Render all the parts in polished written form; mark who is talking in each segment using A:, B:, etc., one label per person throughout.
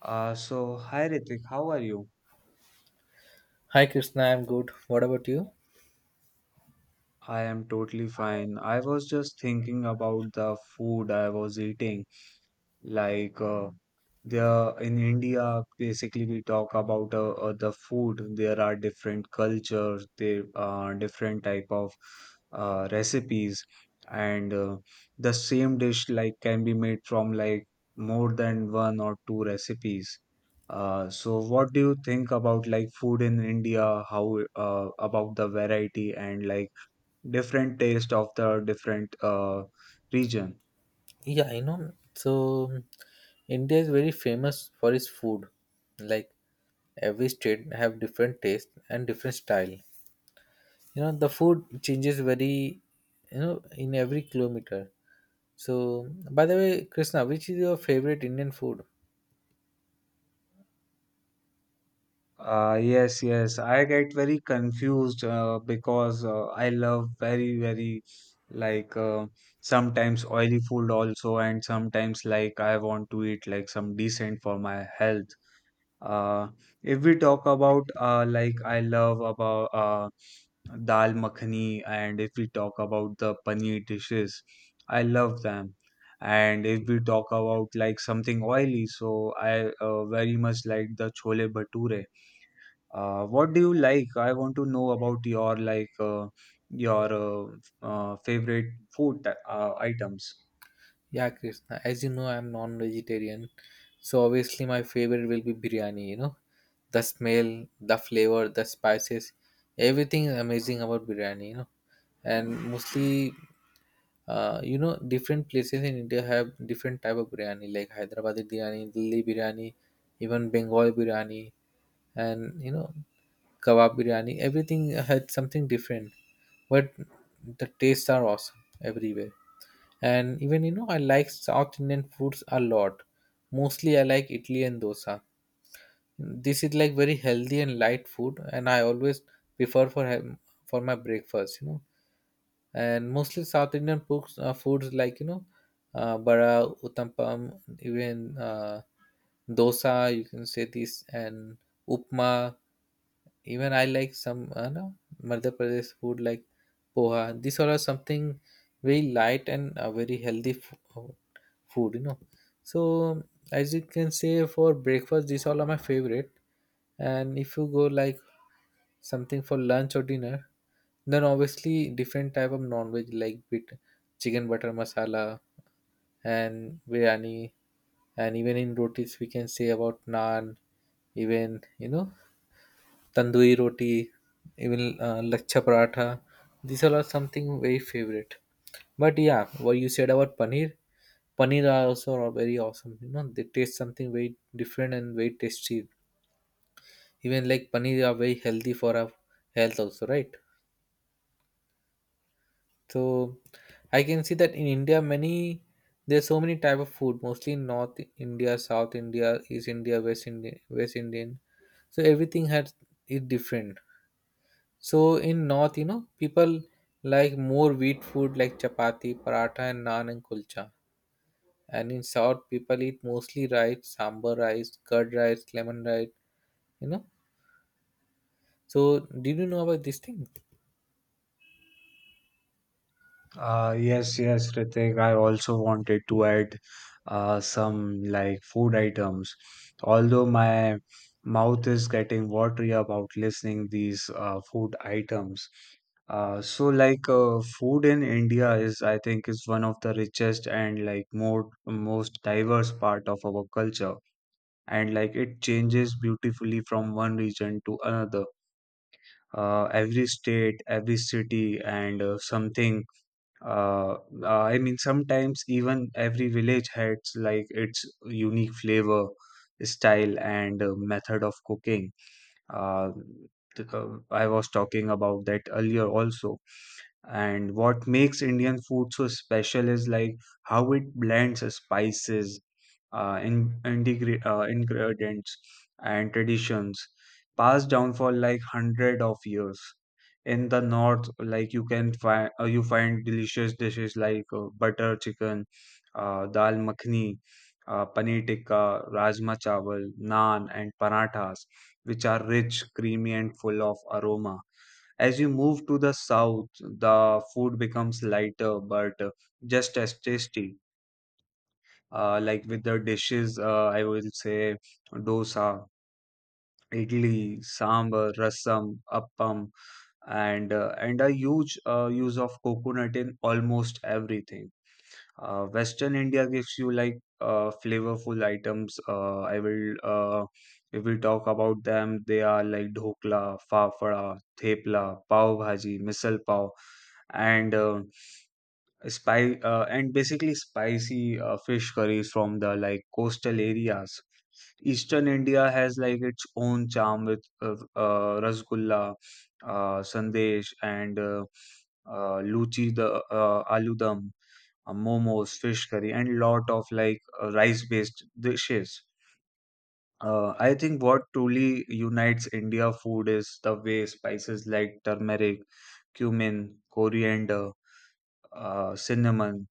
A: Hi Ritik, how are you?
B: Hi Krishna, I'm good. What about you?
A: I am totally fine. I was just thinking about the food I was eating. Like uh, there in India, basically we talk about the food. There are different cultures, there are different type of recipes, and the same dish like can be made from like more than one or two recipes. So what do you think about like food in India, how about the variety and like different taste of the different region?
B: Yeah, I know. So India is very famous for its food. Like every state have different taste and different style. The food changes very in every kilometer. So by the way, Krishna, which is your favorite Indian food?
A: Yes, yes. I get very confused because I love very, very like uh, sometimes oily food also, and sometimes like I want to eat like some decent for my health. Uh, if we talk about like I love about dal makhani, and if we talk about the paneer dishes, I love them. And if we talk about like something oily, so I very much like the chole bhature. What do you like? I want to know about your your favorite items.
B: Yeah, Krishna. As you know, I'm non-vegetarian, so obviously my favorite will be biryani. The smell, the flavor, the spices, everything is amazing about biryani. And mostly, different places in India have different type of biryani, like Hyderabadi biryani, Delhi biryani, even Bengal biryani, and kebab biryani. Everything had something different, but the tastes are awesome everywhere. And even I like South Indian foods a lot. Mostly, I like idli and dosa. This is like very healthy and light food, and I always prefer for my breakfast. And mostly South Indian foods like bara, uttappam, even dosa. You can say this and upma. Even I like some no, Madhya Pradesh food like poha. These all are something very light and very healthy food. So as you can say for breakfast, these all are my favorite. And if you go like something for lunch or dinner, then obviously different type of non-veg, like with chicken butter masala and biryani, and even in rotis we can say about naan, even you know tandoori roti, even lachcha paratha. These all are something very favorite. But yeah, what you said about paneer, paneer are also are very awesome. They taste something very different and very tasty. Even like paneer are very healthy for our health also, right? So I can see that in India, many there's so many type of food, mostly in North India, South India, East India, West India, West Indian. So everything has is different. So in North, people like more wheat food like chapati, paratha, and naan and kulcha. And in South, people eat mostly rice, sambar rice, curd rice, lemon rice. You know. So did you know about this thing?
A: Yes, yes, Ritik. I also wanted to add some like food items. Although my mouth is getting watery about listening these food items. Food in India is I think is one of the richest and like more most diverse part of our culture and like it changes beautifully from one region to another. Every state, every city, and something uh, I mean sometimes even every village has like its unique flavor, style, and method of cooking. uh, I was talking about that earlier also, and what makes Indian food so special is like how it blends spices, ingredients, and traditions passed down for like hundred of years. In the north, you find delicious dishes like butter chicken, dal makhni, paneer tikka, rajma chawal, naan, and parathas, which are rich, creamy, and full of aroma. As you move to the south, the food becomes lighter but just as tasty. Like with the dishes, I will say dosa, idli, sambar, rasam, appam, and a huge use of coconut in almost everything. Western India gives you like flavorful items. I will if we talk about them, they are like dhokla, fafda, thepla, pav bhaji, misal pav, and uh, and basically spicy fish curries from the like coastal areas. Eastern India has like its own charm with rasgulla, sandesh, and luchi, the aloo dum, momos, fish curry, and lot of like rice based dishes. I think what truly unites India food is the way spices like turmeric, cumin, coriander, cinnamon,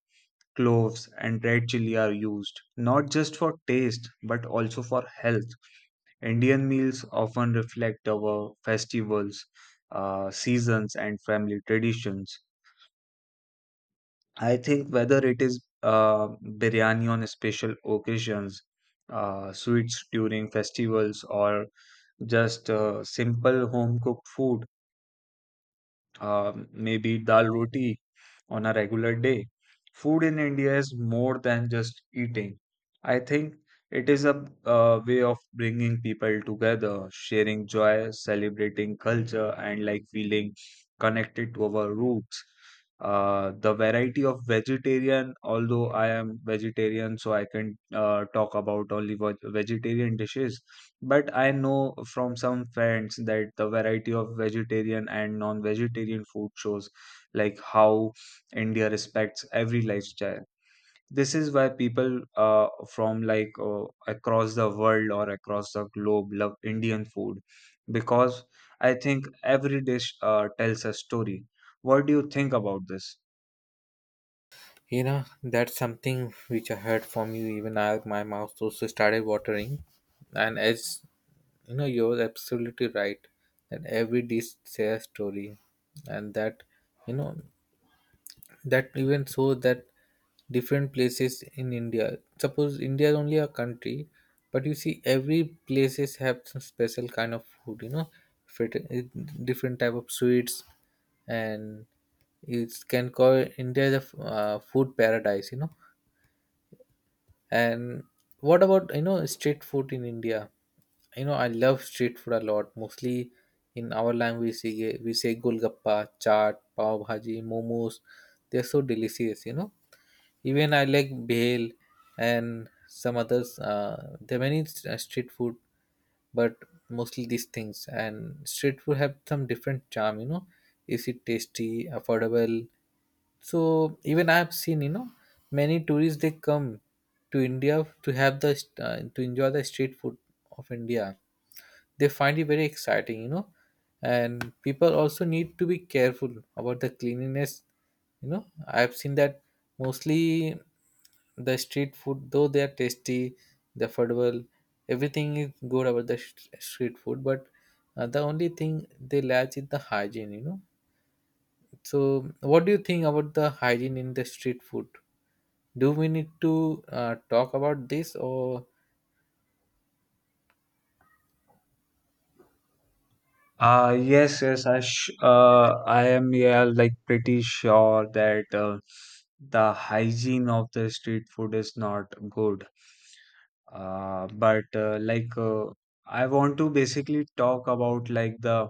A: cloves, and red chili are used, not just for taste but also for health. Indian meals often reflect our festivals, seasons, and family traditions. I think whether it is biryani on special occasions, sweets during festivals, or just simple home cooked food, maybe dal roti on a regular day. Food in India is more than just eating. I think it is a way of bringing people together, sharing joy, celebrating culture, and like feeling connected to our roots. The variety of vegetarian, although I am vegetarian, so I can talk about only vegetarian dishes. But I know from some friends that the variety of vegetarian and non vegetarian food shows like how India respects every lifestyle. This is why people from across the world or across the globe love Indian food, because I think every dish tells a story. What do you think about this?
B: That's something which I heard from you. Even my mouth also started watering. And as you know, you're absolutely right that every dish says story, and that you know that even so that different places in India. Suppose India is only a country, but you see every places have some special kind of food. If different type of sweets, and it can call India the food paradise. And what about street food in India? I love street food a lot. Mostly in our language we say golgappa, chaat, pav bhaji, momos. They're so delicious. Even I like bhel and some others. There are many street food, but mostly these things. And street food have some different charm. Is it tasty, affordable? So even I have seen, many tourists they come to India to have to enjoy the street food of India. They find it very exciting, and people also need to be careful about the cleanliness. I have seen that mostly the street food, though they are tasty, they're affordable, everything is good about the street food, but the only thing they lack is the hygiene. So what do you think about the hygiene in the street food? Do we need to talk about this, or?
A: I am yeah, like pretty sure that the hygiene of the street food is not good. But like I want to basically talk about like the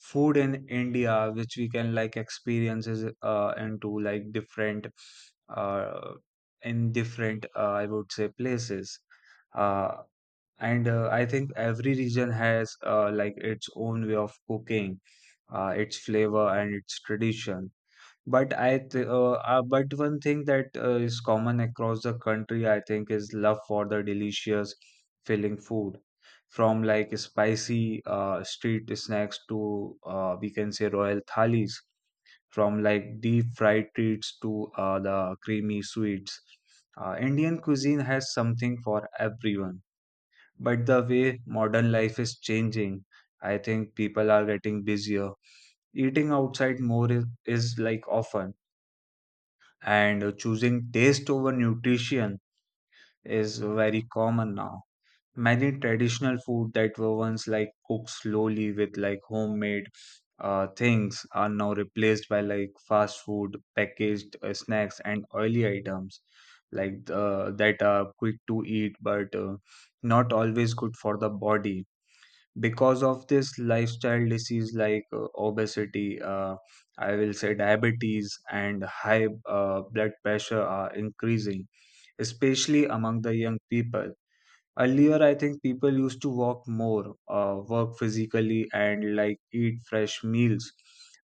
A: food in India, which we can like experiences into like different uh in different I would say places. Uh, and I think every region has like its own way of cooking, its flavor and its tradition. But I th but one thing that is common across the country, I think, is love for the delicious, filling food, from like spicy street snacks to we can say royal thalis, from like deep fried treats to the creamy sweets. Indian cuisine has something for everyone. But the way modern life is changing, I think people are getting busier. Eating outside more is like often, and choosing taste over nutrition is very common now. Many traditional food that were once like cooked slowly with like homemade things are now replaced by like fast food, packaged snacks, and oily items that are quick to eat but not always good for the body. Because of this, lifestyle disease like obesity, I will say diabetes, and high blood pressure are increasing, especially among the young people. Earlier, I think people used to walk more, work physically, and like eat fresh meals.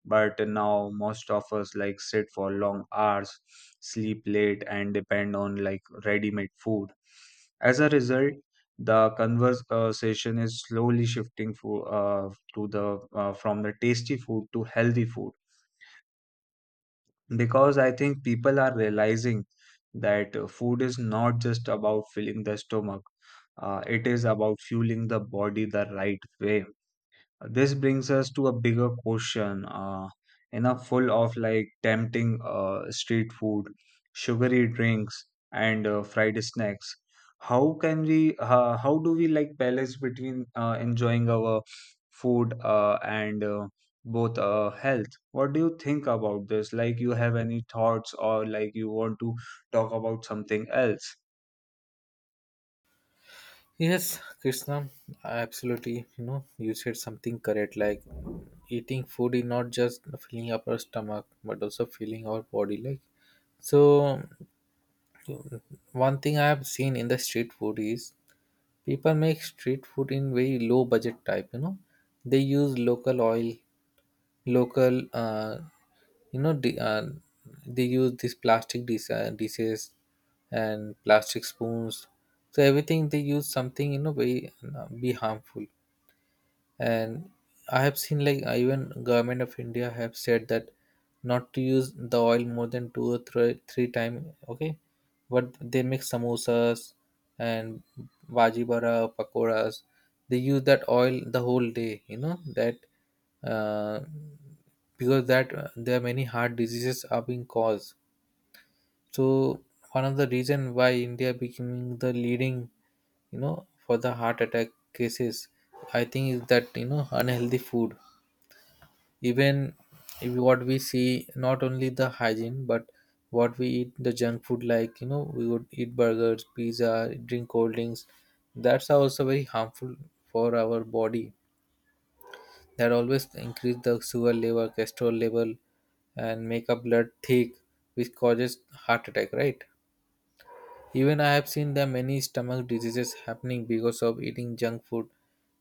A: But now, most of us like sit for long hours, sleep late, and depend on like ready-made food. As a result, the conversation is slowly shifting for, to the from the tasty food to healthy food, because I think people are realizing that food is not just about filling the stomach, it is about fueling the body the right way. This brings us to a bigger question. In a full of like tempting street food, sugary drinks, and fried snacks, how can we? How do we like balance between enjoying our food and both health? What do you think about this? Like, you have any thoughts, or like you want to talk about something else?
B: Yes, Krishna? Absolutely. You said something correct. Like eating food is not just filling up our stomach, but also filling our body. Like, so, one thing I have seen in the street food is people make street food in very low budget type. They use local oil, local, you know the, uh, they use these plastic dishes and plastic spoons. So everything they use something very be harmful. And I have seen, like, even government of India have said that not to use the oil more than two or three time, okay. But they make samosas and bhaji bara pakoras, they use that oil the whole day, that uh, because that there are many heart diseases are being caused. So one of the reason why India becoming the leading, for the heart attack cases, I think is that unhealthy food. Even if what we see, not only the hygiene, but what we eat, the junk food, like we would eat burgers, pizza, drink cold drinks. That's also very harmful for our body. That always increase the sugar level, cholesterol level, and make our blood thick, which causes heart attack. Right. Even I have seen the many stomach diseases happening because of eating junk food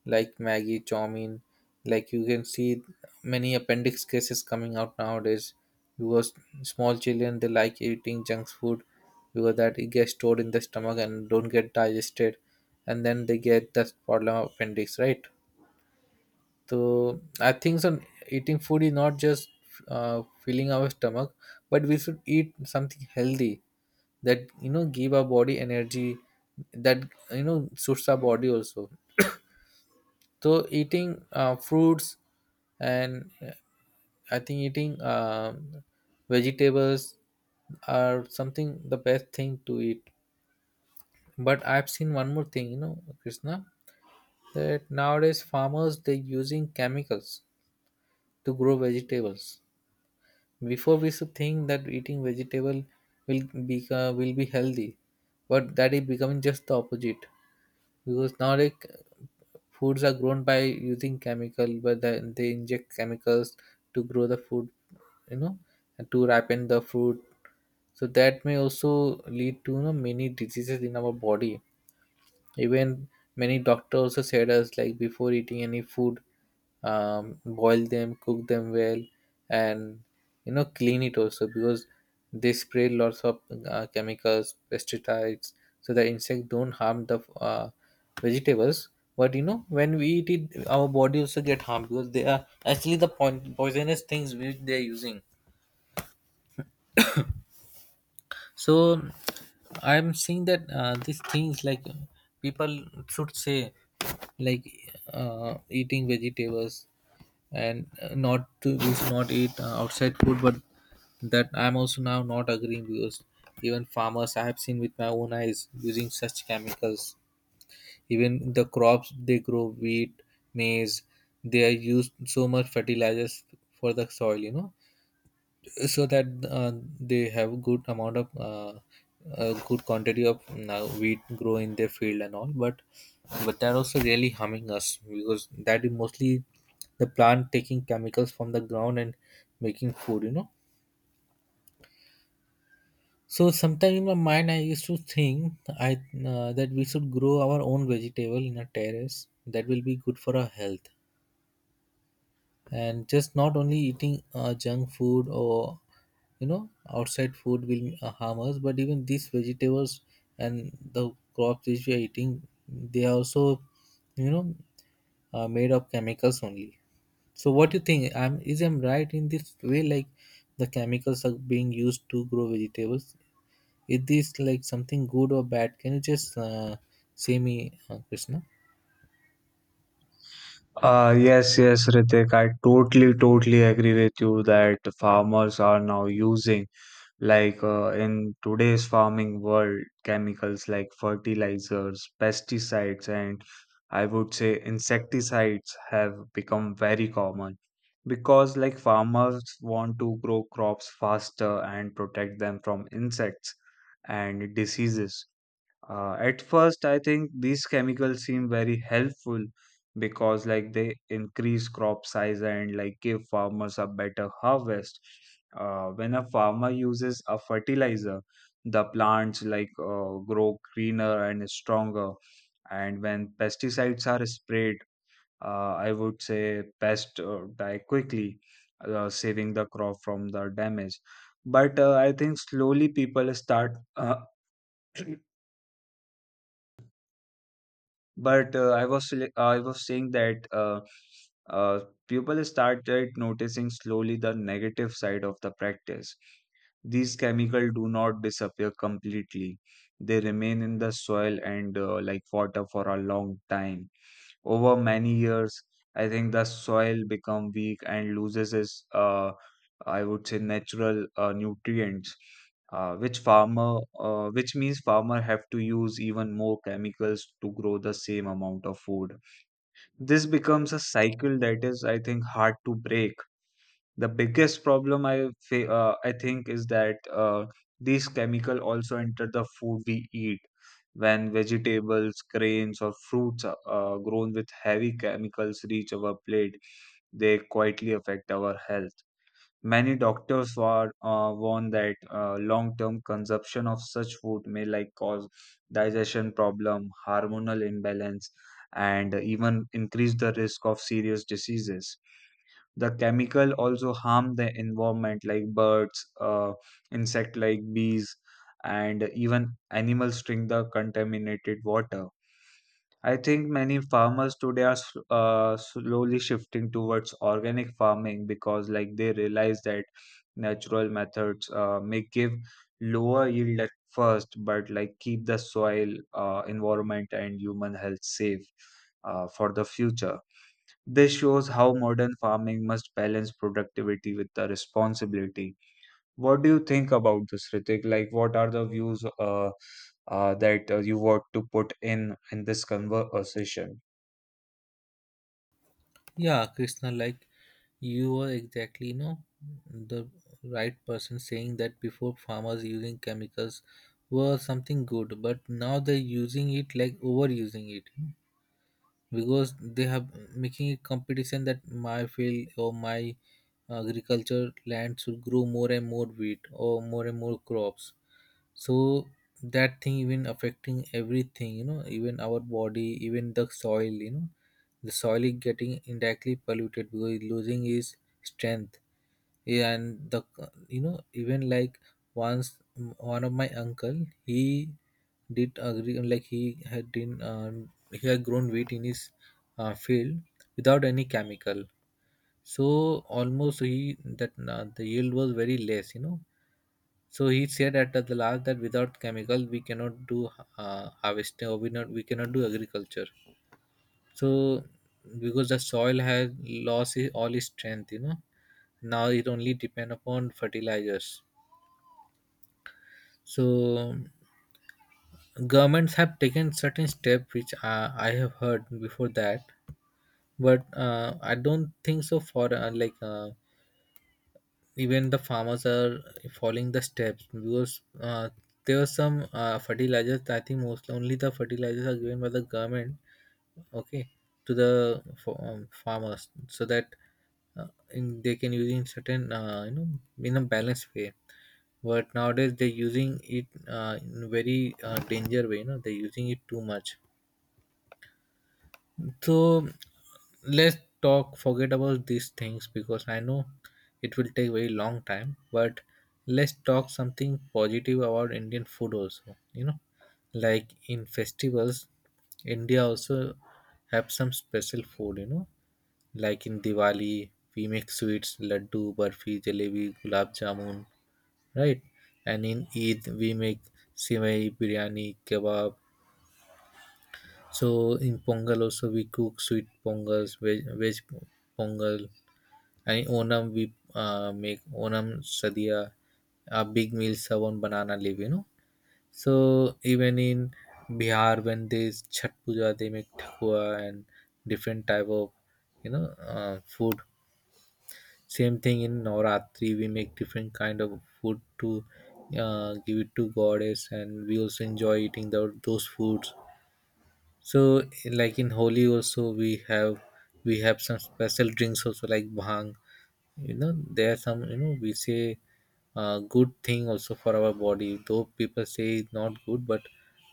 B: like Maggie, Chowmein. Like, you can see many appendix cases coming out nowadays because small children they like eating junk food, because that it gets stored in the stomach and don't get digested, and then they get that problem of appendix, right? So I think so eating food is not just filling our stomach, but we should eat something healthy that give our body energy, that suits our body also. So eating fruits and I think eating vegetables are something the best thing to eat. But I've seen one more thing, Krishna, that nowadays farmers they're using chemicals to grow vegetables. Before, we used to think that eating vegetable will will be healthy, but that is becoming just the opposite. Because nowadays foods are grown by using chemical, but then they inject chemicals to grow the food, you know, and to ripen the fruit. So that may also lead to many diseases in our body. Even many doctors also said us, like, before eating any food, boil them, cook them well, and clean it also, because they spray lots of chemicals, pesticides, so the insect don't harm the vegetables. But when we eat it, our body also get harmed, because they are actually the point poisonous things which they are using. So I'm seeing that these things, like, people should say, like, eating vegetables and not to we should not eat outside food. But that I'm also now not agreeing, because even farmers I have seen with my own eyes using such chemicals. Even the crops they grow, wheat, maize, they are used so much fertilizers for the soil, so that they have good amount of good quantity of wheat grow in their field and all. But they're also really harming us, because that is mostly the plant taking chemicals from the ground and making food. So sometime in my mind I used to think I that we should grow our own vegetable in a terrace, that will be good for our health. And just not only eating junk food or outside food will harm us, but even these vegetables and the crops which we are eating, they are also you know made of chemicals only. So what do you think, I'm right in this way? Like, the chemicals are being used to grow vegetables, is this like something good or bad? Can you just say me, Krishna?
A: Yes, yes, Ritik, I totally, totally agree with you that farmers are now using. In today's farming world, chemicals like fertilizers, pesticides, and I would say insecticides have become very common because like farmers want to grow crops faster and protect them from insects and diseases. At first, I think these chemicals seem very helpful because, like, they increase crop size and like give farmers a better harvest. When a farmer uses a fertilizer, the plants like grow greener and stronger. And when pesticides are sprayed, I would say pests die quickly, saving the crop from the damage. But I think slowly people start But I was saying that uh, people started noticing slowly the negative side of the practice. These chemicals do not disappear completely; they remain in the soil and like water for a long time. Over many years, I think the soil become weak and loses its I would say natural nutrients, which means farmer have to use even more chemicals to grow the same amount of food. This becomes a cycle that is, I think, hard to break. The biggest problem i fa- uh, I think, is that uh, these chemical also enter the food we eat. When vegetables, grains, or fruits are, grown with heavy chemicals, reach our plate, they quietly affect our health. Many doctors warn that long-term consumption of such food may like cause digestion problem, hormonal imbalance, and even increase the risk of serious diseases. The chemical also harm the environment, like birds, insect like bees, and even animals drink the contaminated water. I think many farmers today are slowly shifting towards organic farming because like they realize that natural methods may give lower yield at first but like keep the soil, environment, and human health safe for the future. This shows how modern farming must balance productivity with the responsibility. What do you think about this, Ritik? Like, what are the views that you want to put in this conversation?
B: Yeah, Krishna, like, you are exactly, the right person saying that before farmers using chemicals were something good, but now they're using it, like, overusing it, because they have making a competition that my field or my agriculture land should grow more and more wheat or more and more crops. So that thing even affecting everything, even our body, even the soil. The soil is getting indirectly polluted because it's losing its strength. Yeah, and the, even, like, once one of my uncle, he did agree, like, he had grown wheat in his field without any chemical. So almost he that the yield was very less, so he said at the last that without chemical we cannot do harvesting, or we cannot do agriculture. So because the soil has lost all its strength, now it only depend upon fertilizers. So governments have taken certain steps which I have heard before that, but I don't think so. For even the farmers are following the steps because there are some fertilizers. I think most only the fertilizers are given by the government, okay, to the farmers so that in they can use in certain uh, in a balanced way. But nowadays they're using it in a very danger way, you know, they're using it too much. So let's talk, forget about these things because I know it will take very long time. But let's talk something positive about Indian food also. You know, like in festivals, India also have some special food. You know, like in Diwali we make sweets, laddu, barfi, jalebi, gulab jamun, right? And in Eid we make sivai, biryani, kebab, so in Pongal also we cook sweet pongals, veg, veg pongal, and in Onam we make Onam sadhya, a big meal served on banana leaf. You know, so even in Bihar when they Chhat Puja they make thakua and different type of food. Same thing in Navratri we make different kind of food to give it to goddess, and we also enjoy eating the, those foods. So, like in Holi also, we have some special drinks also like bhang. You know, there are some, you know, we say good thing also for our body. Though people say it's not good, but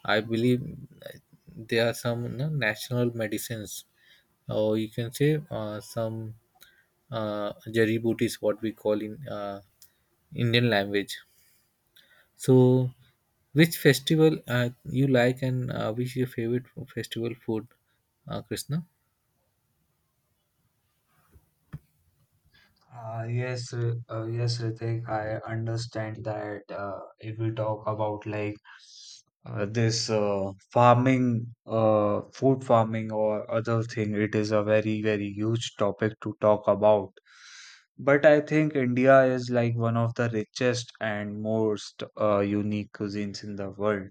B: I believe there are some, you know, natural medicines, or you can say some jari booties, what we call in Indian language. So, which festival you like, and which is your favorite festival food, Krishna?
A: Yes, Ritik, I understand that if we talk about like this farming, food farming or other thing, it is a very, very huge topic to talk about. But I think India is like one of the richest and most unique cuisines in the world.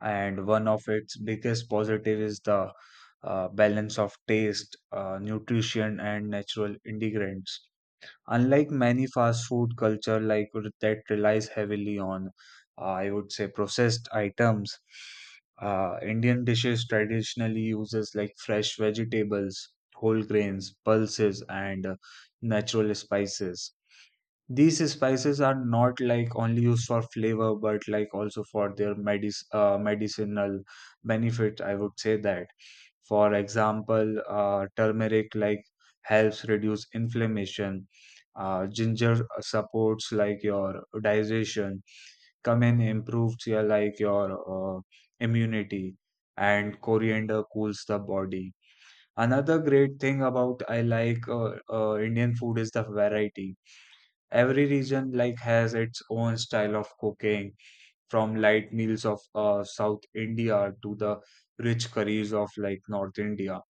A: And one of its biggest positive is the balance of taste, nutrition, and natural ingredients. Unlike many fast food culture that relies heavily on, I would say, processed items, Indian dishes traditionally uses like fresh vegetables, whole grains, pulses, and natural spices. These spices are not like only used for flavor, but like also for their medicinal benefit, I would say that. For example, turmeric helps reduce inflammation. Ginger supports your digestion. Cumin improves your immunity, and coriander cools the body. Another great thing about I like Indian food is the variety. Every region has its own style of cooking, from light meals of South India to the rich curries of North India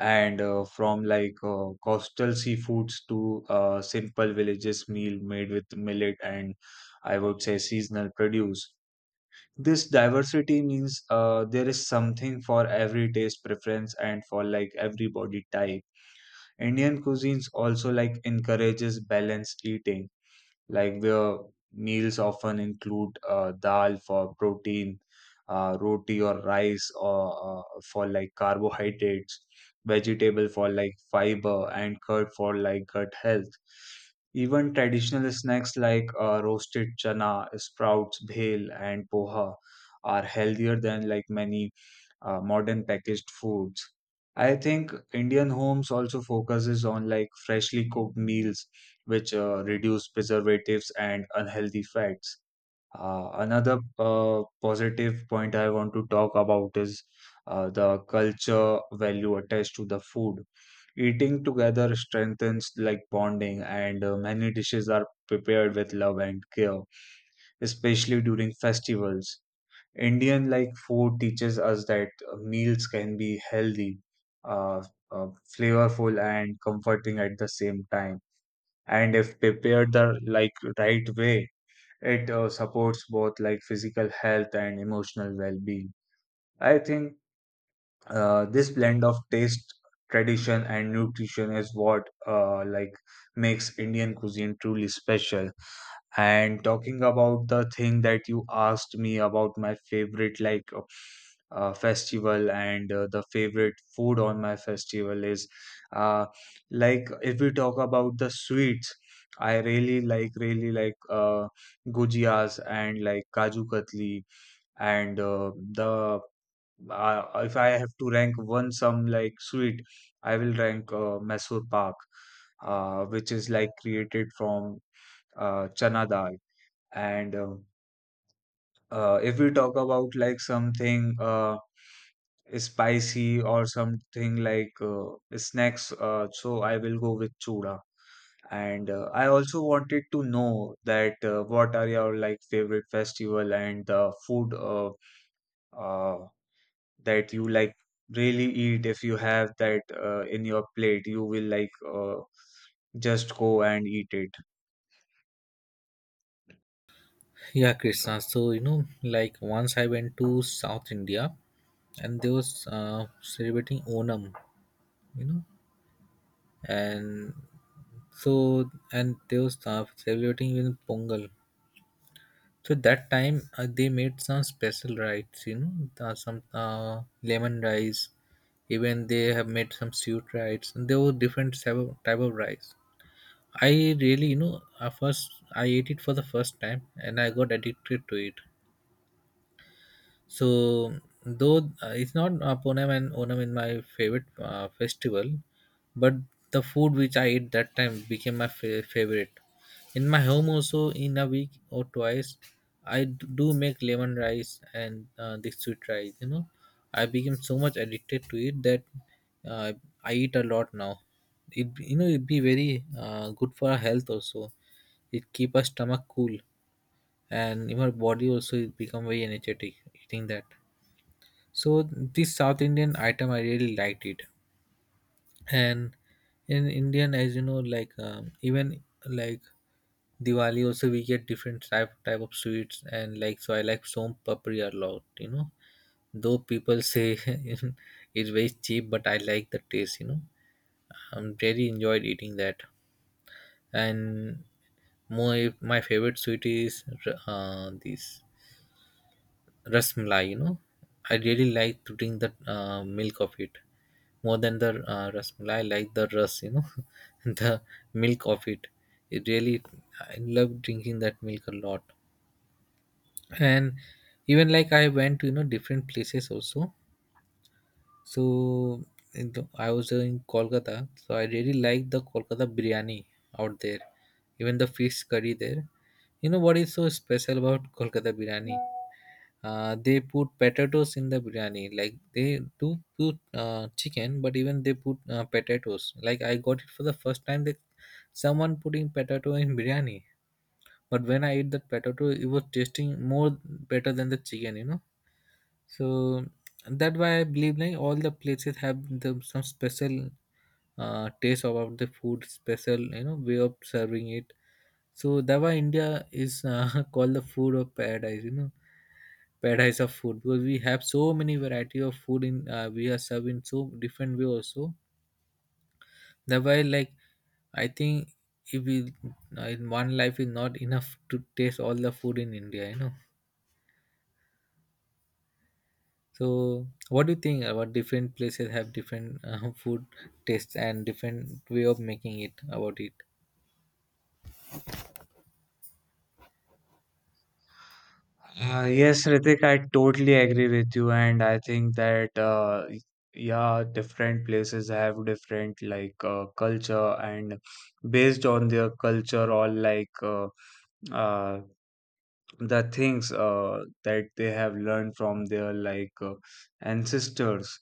A: and from like coastal seafoods to simple villages meal made with millet and, I would say, seasonal produce. This diversity means there is something for every taste preference and for every body type. Indian cuisines also encourages balanced eating . The meals often include dal for protein, roti or rice or for carbohydrates, vegetable for fiber, and curd for gut health. Even traditional snacks like roasted chana, sprouts, bhel, and poha are healthier than many modern packaged foods. I think Indian homes also focuses on freshly cooked meals, which reduce preservatives and unhealthy fats. Another positive point I want to talk about is the culture value attached to the food. Eating together strengthens bonding, and many dishes are prepared with love and care, especially during festivals. Indian food teaches us that meals can be healthy, uh, uh, flavorful, and comforting at the same time. And if prepared the right way, it supports both physical health and emotional well-being. I think this blend of taste, tradition, and nutrition is what makes Indian cuisine truly special. And talking about the thing that you asked me about my favorite festival and the favorite food on my festival is uh, like if we talk about the sweets, I really like gujias and kaju katli and the if I have to rank one some sweet, I will rank Mysore Pak, which is like created from chana dal, and if we talk about something spicy or something like snacks, so I will go with chura. And I also wanted to know that what are your favorite festival and the food uh, that you really eat. If you have that in your plate, you will just go and eat it.
B: Yeah, Krishna. So you know, like once I went to South India, and they was celebrating Onam, you know, and so and they was celebrating even Pongal. So that time they made some special rice, you know, some lemon rice. Even they have made some sweet rice, and there were different type of rice. I really, you know, first I ate it for the first time, and I got addicted to it. So, though it's not Onam in my favorite festival, but the food which I ate that time became my favorite. In my home also, in a week or twice, I do make lemon rice and the sweet rice. You know, I became so much addicted to it that uh, I eat a lot now. It, you know, it be very good for our health also. It keep our stomach cool and even body also it become very energetic eating that. So this South Indian item, I really liked it. And in Indian, as you know, like even like Diwali also we get different type of sweets and like so I like som papri a lot. You know, though people say it's very cheap, but I like the taste. You know, I'm really enjoyed eating that. And my favorite sweet is this rasmalai. You know, I really like to drink the milk of it. More than the rasmalai I like the ras, you know, the milk of it. It really, I love drinking that milk a lot. And even like I went to, you know, different places also. So I was in Kolkata, so I really like the Kolkata biryani out there, even the fish curry there. You know what is so special about Kolkata biryani? They put potatoes in the biryani. Like they do put chicken, but even they put potatoes. Like I got it for the first time that someone putting potato in biryani. But when I ate that potato, it was tasting more better than the chicken, you know. So that why I believe like all the places have the, some special taste about the food, special, you know, way of serving it. So that why India is called the food of paradise. You know, paradise of food because we have so many variety of food in we are served in so different way also. That why like I think if we in one life is not enough to taste all the food in India, you know. So, what do you think about different places have different food tastes and different way of making it about it?
A: Yes, Ritik, I totally agree with you, and I think that different places have different culture, and based on their culture or uh, the things that they have learned from their ancestors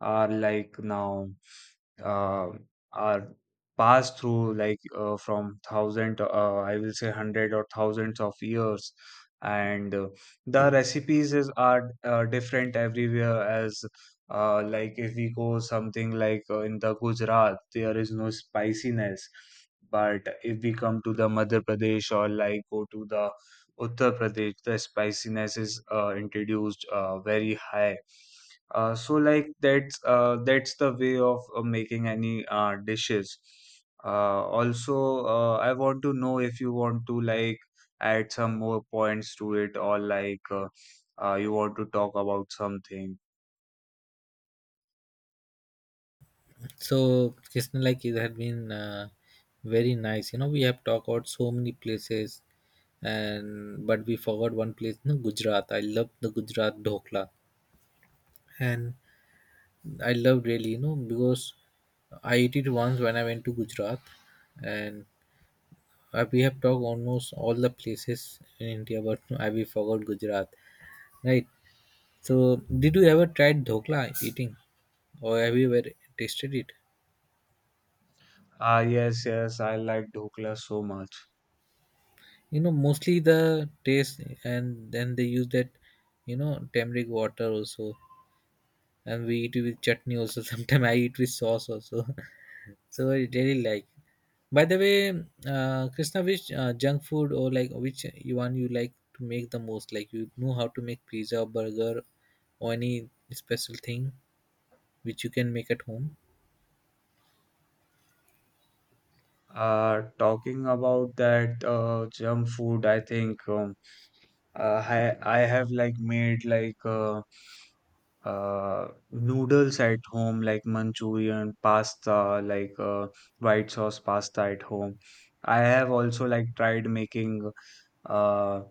A: are now uh, are passed through from thousand I will say hundred or thousands of years, and the recipes is are different everywhere. As like If we go something like in the Gujarat, there is no spiciness, but if we come to the Madhya Pradesh or go to the Uttar Pradesh, the spiciness is introduced very high. So that's the way of making any dishes. Also, I want to know if you want to add some more points to it, or you want to talk about something.
B: So, Krishna, like it had been very nice. You know, we have talked about so many places, and but we forgot one place, no, Gujarat. I love the Gujarat dhokla, and I love really, you know, because I ate it once when I went to Gujarat, and we have talked almost all the places in India, but I we forgot Gujarat, right? So, did you ever tried dhokla eating, or have you ever tasted it?
A: Ah, yes, yes, I like dhokla so much.
B: You know, mostly the taste, and then they use that, you know, turmeric water also, and we eat it with chutney also. Sometimes I eat with sauce also. So I really like. By the way, Krishna, which junk food or like which one you like to make the most? Like you know how to make pizza, burger, or any special thing which you can make at home?
A: Talking about that junk food, I think I have made noodles at home, like Manchurian, pasta, white sauce pasta at home. I have also tried making uh,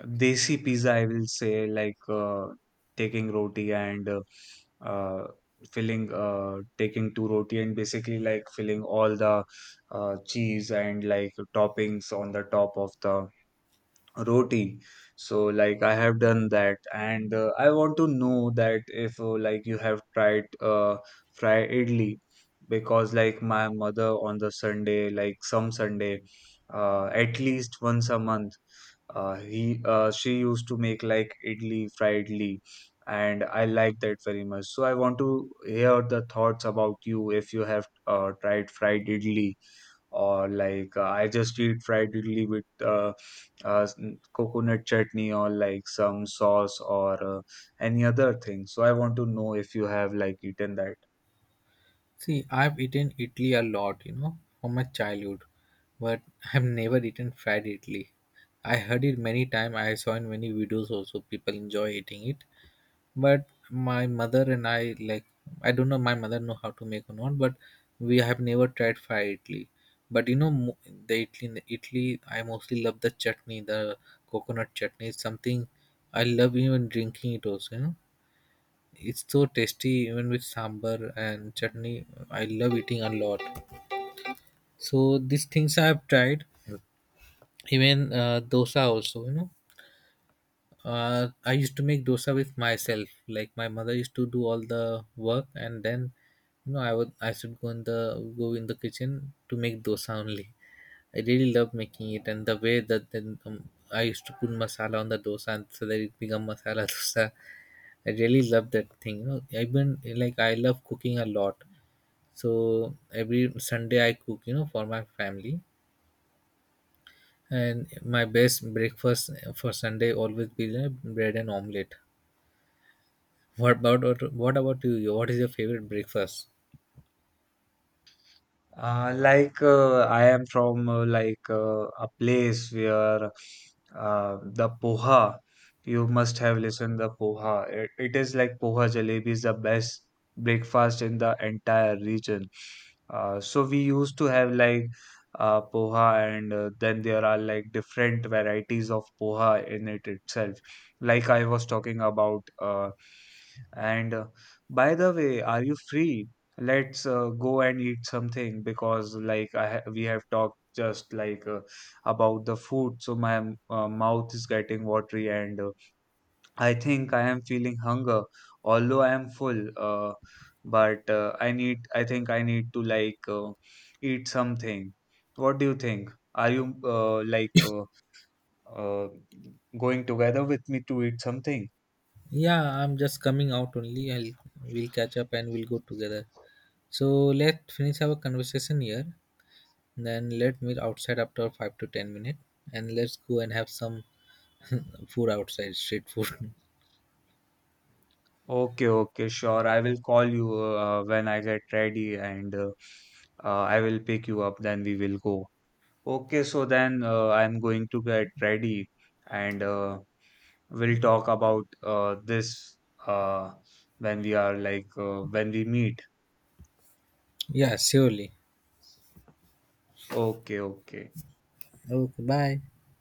A: desi pizza, I will say, taking roti and uh, taking two roti and basically filling all the cheese and toppings on the top of the roti. So I have done that, and I want to know that if you have tried fry idli, because my mother on the Sunday, some Sunday, at least once a month, he she used to make idli, fried idli, and I like that very much. So I want to hear the thoughts about you if you have tried fried idli or I just eat fried idli with coconut chutney or like some sauce or any other thing. So I want to know if you have eaten that.
B: See, I've eaten Italy a lot, you know, from my childhood, but I've never eaten fried Italy. I heard it many times, I saw in many videos also people enjoy eating it. But my mother and I like I don't know my mother know how to make or not, but we have never tried fried Italy. But you know the Italy I mostly love the chutney, the coconut chutney. It's something I love even drinking it also, you know, it's so tasty even with sambar and chutney. I love eating a lot. So these things I have tried, even dosa also. You know, I used to make dosa with myself. Like my mother used to do all the work, and then, you know, I should go in the kitchen to make dosa only. I really love making it, and the way that then I used to put masala on the dosa, and so that it become masala dosa. I really love that thing. You know, even like I love cooking a lot. So every Sunday I cook, you know, for my family, and my best breakfast for Sunday always be like bread and omelette. What about you? What is your favorite breakfast?
A: I am from a place where the poha, you must have listened the poha. It is like poha jalebi is the best breakfast in the entire region. So we used to have poha, and then there are different varieties of poha in it itself, like I was talking about. And By the way, are you free? Let's go and eat something, because we have talked just about the food, so my mouth is getting watery, and I think I am feeling hunger. Although I am full, but I need I think I need to eat something. What do you think? Are you uh, going together with me to eat something?
B: Yeah, I'm just coming out only. I'll we'll catch up and we'll go together. So let finish our conversation here. Then let meet outside after 5 to 10 minutes, and let's go and have some food outside, street food.
A: Okay, okay, sure. I will call you when I get ready, and I will pick you up, then we will go. Okay, so then I'm going to get ready, and we'll talk about this uh, when we are when we meet.
B: Yeah, surely.
A: Okay, okay.
B: Okay, bye.